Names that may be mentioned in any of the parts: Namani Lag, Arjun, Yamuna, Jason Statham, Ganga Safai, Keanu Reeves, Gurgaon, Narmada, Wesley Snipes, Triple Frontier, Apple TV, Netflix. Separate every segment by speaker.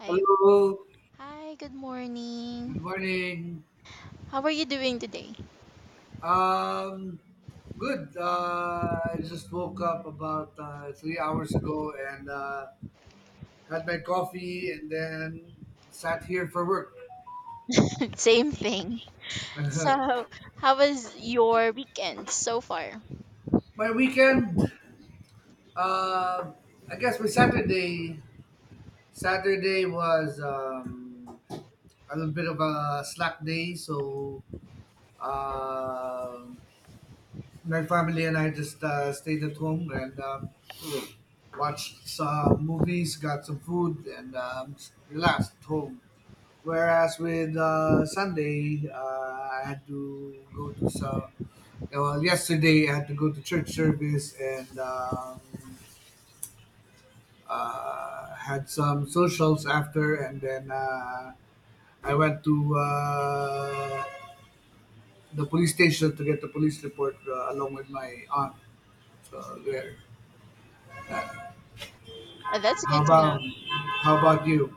Speaker 1: Hi.
Speaker 2: Hello,
Speaker 1: Hi, good
Speaker 2: good
Speaker 1: morning.
Speaker 2: morning.
Speaker 1: How are you doing today?
Speaker 2: Um, Good. I just woke up about 3 hours ago and had my coffee and then sat here for work.
Speaker 1: Same thing. So, how was your weekend so far?
Speaker 2: My weekend, uh, I guess my Saturday, Saturday was a little bit of a slack day, so uh, my family and I just stayed at home and watched some movies, got some food, and relaxed at home. Whereas with Sunday, I had to go to some. Well, yesterday I had to go to church service and had some socials after, and then I went to the police station to get the police report along with my aunt. So there.
Speaker 1: That's
Speaker 2: How
Speaker 1: good to know.
Speaker 2: about how about you?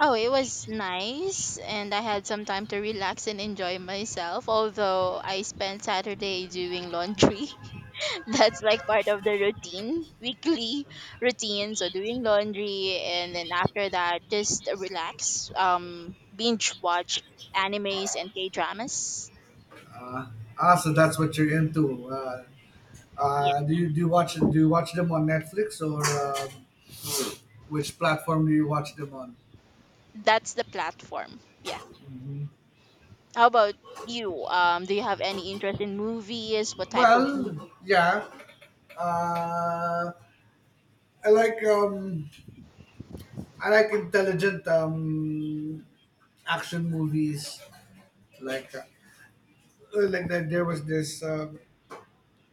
Speaker 1: Oh, it was nice, and I had some time to relax and enjoy myself. Although I spent Saturday doing laundry, that's like part of the routine, weekly routine. So doing laundry, and then after that, just relax, binge watch animes and K dramas.
Speaker 2: Uh, so that's what you're into. Do you watch them on Netflix or which platform do you watch them on?
Speaker 1: That's the platform. Yeah.
Speaker 2: Mhm.
Speaker 1: How about you? Do you have any interest in movies? What type of
Speaker 2: Well,
Speaker 1: movie?
Speaker 2: yeah. Uh, I like um, I like intelligent action movies. Like uh, like that, there was this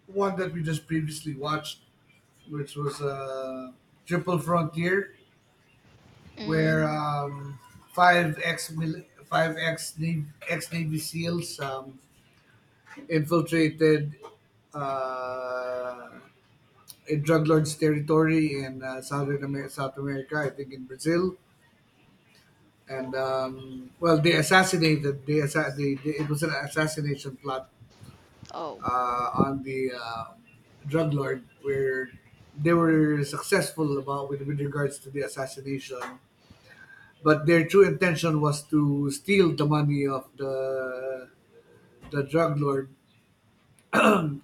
Speaker 2: one that we just previously watched, which was Triple Frontier, where
Speaker 1: Mm.
Speaker 2: five ex five ex Navy SEALs infiltrated uh, in drug lords' territory in South America, I think in Brazil. And well, they assassinated. They, it was an assassination plot
Speaker 1: Oh,
Speaker 2: on the drug lord, where they were successful about with regards to the assassination. But their true intention was to steal the money of the drug lord,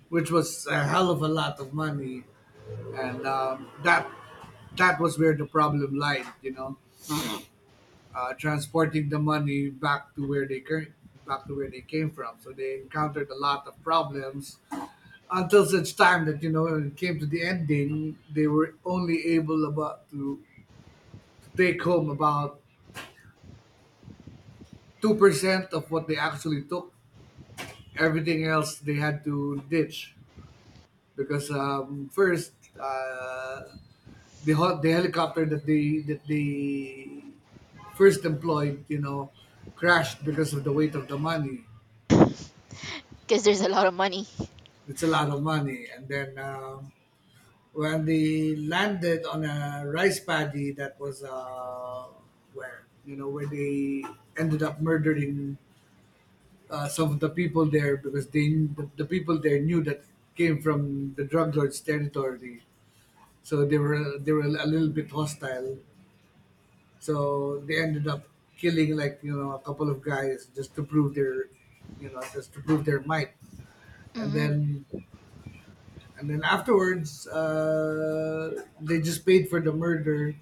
Speaker 2: which was a hell of a lot of money, and that was where the problem lied, you know, transporting the money back to where they came back to where they came from. So they encountered a lot of problems until such time that, you know, when it came to the ending, they were only able about to take home about 2% of what they actually took. Everything else they had to ditch because first uh, the helicopter that they first employed, you know, crashed because of the weight of the money.
Speaker 1: because there's a lot of money.
Speaker 2: It's a lot of money. And then when they landed on a rice paddy, that was where, you know, where they ended up murdering some of the people there, because the people there knew that came from the drug lords territory. So they were a little bit hostile. So they ended up killing, like, you know, a couple of guys just to prove their, you know, just to prove their might, and
Speaker 1: Hmm.
Speaker 2: then and then afterwards they just paid for the murder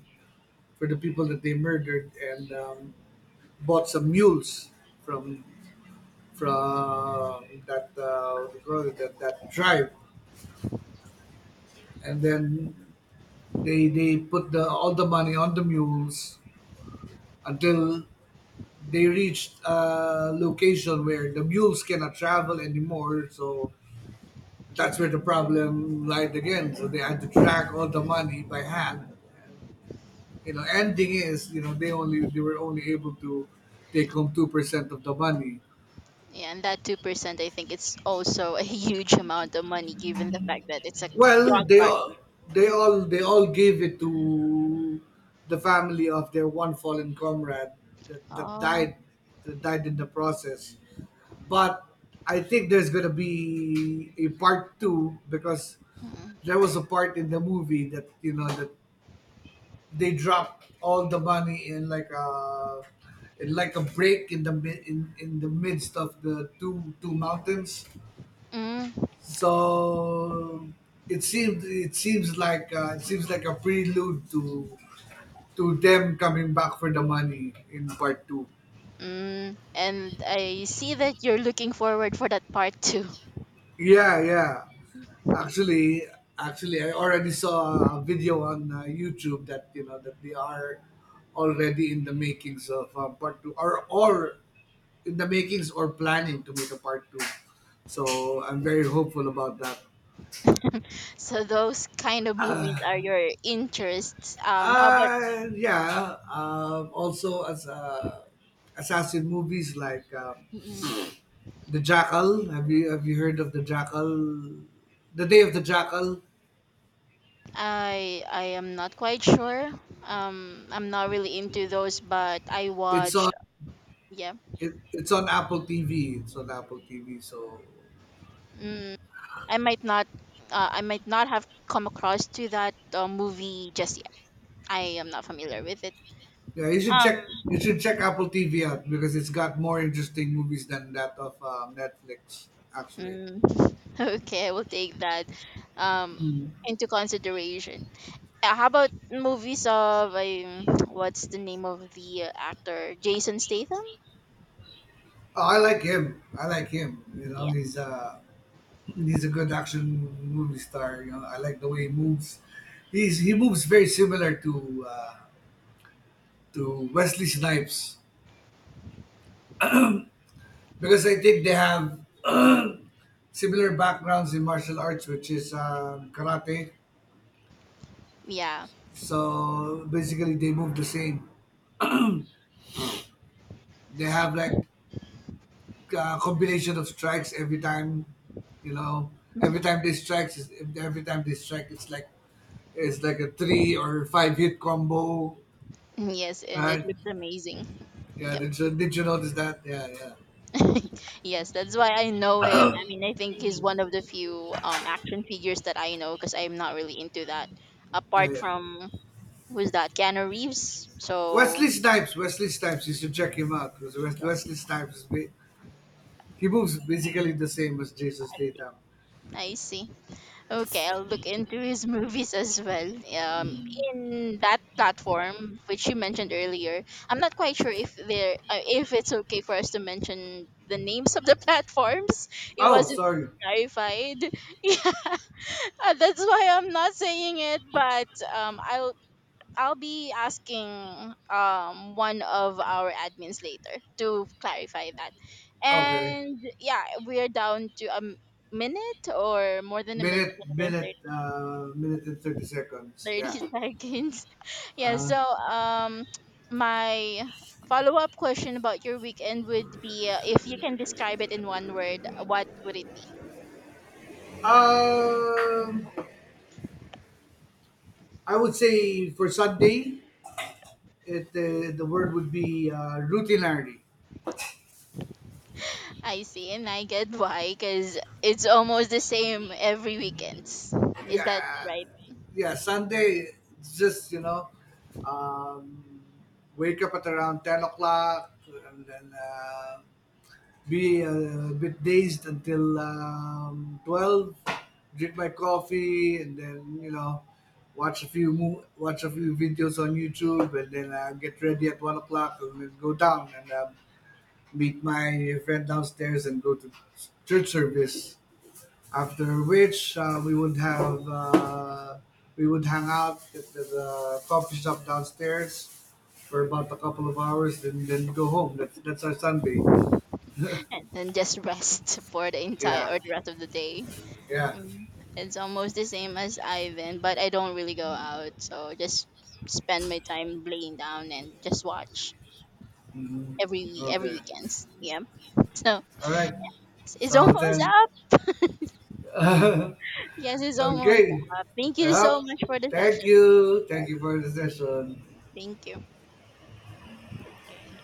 Speaker 2: for the people that they murdered, and bought some mules from from that what do you call it, that tribe, and then they put the all the money on the mules until they reached a location where the mules cannot travel anymore. So that's where the problem lied again. So they had to drag all the money by hand. You know, ending is, you know, they were only able to take home 2% of the money.
Speaker 1: Yeah, and that 2%, I think it's also a huge amount of money, given the fact that it's a
Speaker 2: Well,
Speaker 1: drug
Speaker 2: they
Speaker 1: card.
Speaker 2: all they all they all gave it to the family of their one fallen comrade that, that
Speaker 1: Oh.
Speaker 2: died that died in the process. But I think there's gonna be a part two, because
Speaker 1: Mm.
Speaker 2: there was a part in the movie that, you know, that they dropped all the money in like a break in the mi- in the midst of the two mountains.
Speaker 1: Mm.
Speaker 2: So it seems like a prelude to them coming back for the money in part two.
Speaker 1: Mm. And I see that you're looking forward for that part too.
Speaker 2: Yeah, yeah. Actually, actually, I already saw a video on YouTube that, you know, that they are already in the makings of part two, or in the makings or planning to make a part two. So I'm very hopeful about that.
Speaker 1: So those kind of movies are your interests. How about?
Speaker 2: Yeah. Also, as assassin movies like
Speaker 1: Mm-hmm.
Speaker 2: the Jackal. Have you heard of the Jackal? The Day of the Jackal.
Speaker 1: I am not quite sure. I'm not really into those, but I
Speaker 2: It's
Speaker 1: watch.
Speaker 2: a
Speaker 1: Yeah,
Speaker 2: It's on Apple TV. It's on Apple TV. So
Speaker 1: mm, I might not. I might not have come across to that movie just yet. I am not familiar with it.
Speaker 2: yeah, you should
Speaker 1: Um.
Speaker 2: check you should check Apple TV out because it's got more interesting movies than that of Netflix. Actually,
Speaker 1: Mm, okay, I will take that. Um,
Speaker 2: mm.
Speaker 1: into consideration. How about movies of what's the name of the actor? Jason Statham.
Speaker 2: Oh, I like him. I like him. You know,
Speaker 1: Yeah.
Speaker 2: he's a good action movie star. You know, I like the way he moves. He moves very similar to Wesley Snipes because I think they have similar backgrounds in martial arts, which is karate.
Speaker 1: Yeah.
Speaker 2: So basically, they move the same. They have like compilation of strikes every time, you know. Every time they strike, every time they strike, it's like a three or five hit combo,
Speaker 1: Yes, and it
Speaker 2: right?
Speaker 1: looks amazing.
Speaker 2: Yeah.
Speaker 1: Yep.
Speaker 2: Did you notice that? Yeah,
Speaker 1: Yes, that's why I know him. I mean, I think he's one of the few action figures that I know because I'm not really into that.
Speaker 2: yeah,
Speaker 1: Apart
Speaker 2: yeah.
Speaker 1: from who's that? Keanu Reeves. So
Speaker 2: Wesley Snipes, you should check him out because
Speaker 1: that's
Speaker 2: Wesley Snipes is he moves basically the same as Jason
Speaker 1: fantastic.
Speaker 2: Statham.
Speaker 1: I see. Okay, I'll look into his movies as well.
Speaker 2: Mm.
Speaker 1: In that platform which you mentioned earlier, I'm not quite sure if it's okay for us to mention the names of the platforms. It
Speaker 2: Oh,
Speaker 1: wasn't
Speaker 2: sorry.
Speaker 1: clarified. Yeah. That's why I'm not saying it, but um, I'll I'll be asking one of our admins later to clarify that.
Speaker 2: Okay.
Speaker 1: And yeah, we're down to a minute or more than a minute, minute and 30,
Speaker 2: Minute and 30 seconds. Yeah.
Speaker 1: thirty seconds. Yeah,
Speaker 2: Uh,
Speaker 1: so my follow-up question about your weekend would be if you can describe it in one word, what would it be?
Speaker 2: um, I would say for Sunday, it the word would be routinary.
Speaker 1: I see, and I get why, because it's almost the same every weekends. Is that
Speaker 2: Yeah,
Speaker 1: right?
Speaker 2: yeah. Sunday, it's just, you know, um, wake up at around 10 o'clock, and then be a bit dazed until 12. Drink my coffee and then, you know, watch a few videos on YouTube, and then get ready at 1 o'clock and then go down. And. Meet my friend downstairs and go to church service. After which, we would hang out at the coffee shop downstairs for about a couple of hours, and then go home. That's our Sunday.
Speaker 1: And then just rest for the entire
Speaker 2: Yeah,
Speaker 1: or the rest of the day.
Speaker 2: yeah.
Speaker 1: Mm. It's almost the same as Ivan, but I don't really go out, so just spend my time laying down and just watch
Speaker 2: Hmm.
Speaker 1: every
Speaker 2: Okay.
Speaker 1: weekends. Yeah. So
Speaker 2: All right.
Speaker 1: it's
Speaker 2: So
Speaker 1: almost
Speaker 2: then,
Speaker 1: up. Yes, it's almost
Speaker 2: okay.
Speaker 1: up. Thank you so
Speaker 2: Yup.
Speaker 1: much for the
Speaker 2: Thank
Speaker 1: session.
Speaker 2: you. Thank you for the session.
Speaker 1: Thank you. Okay.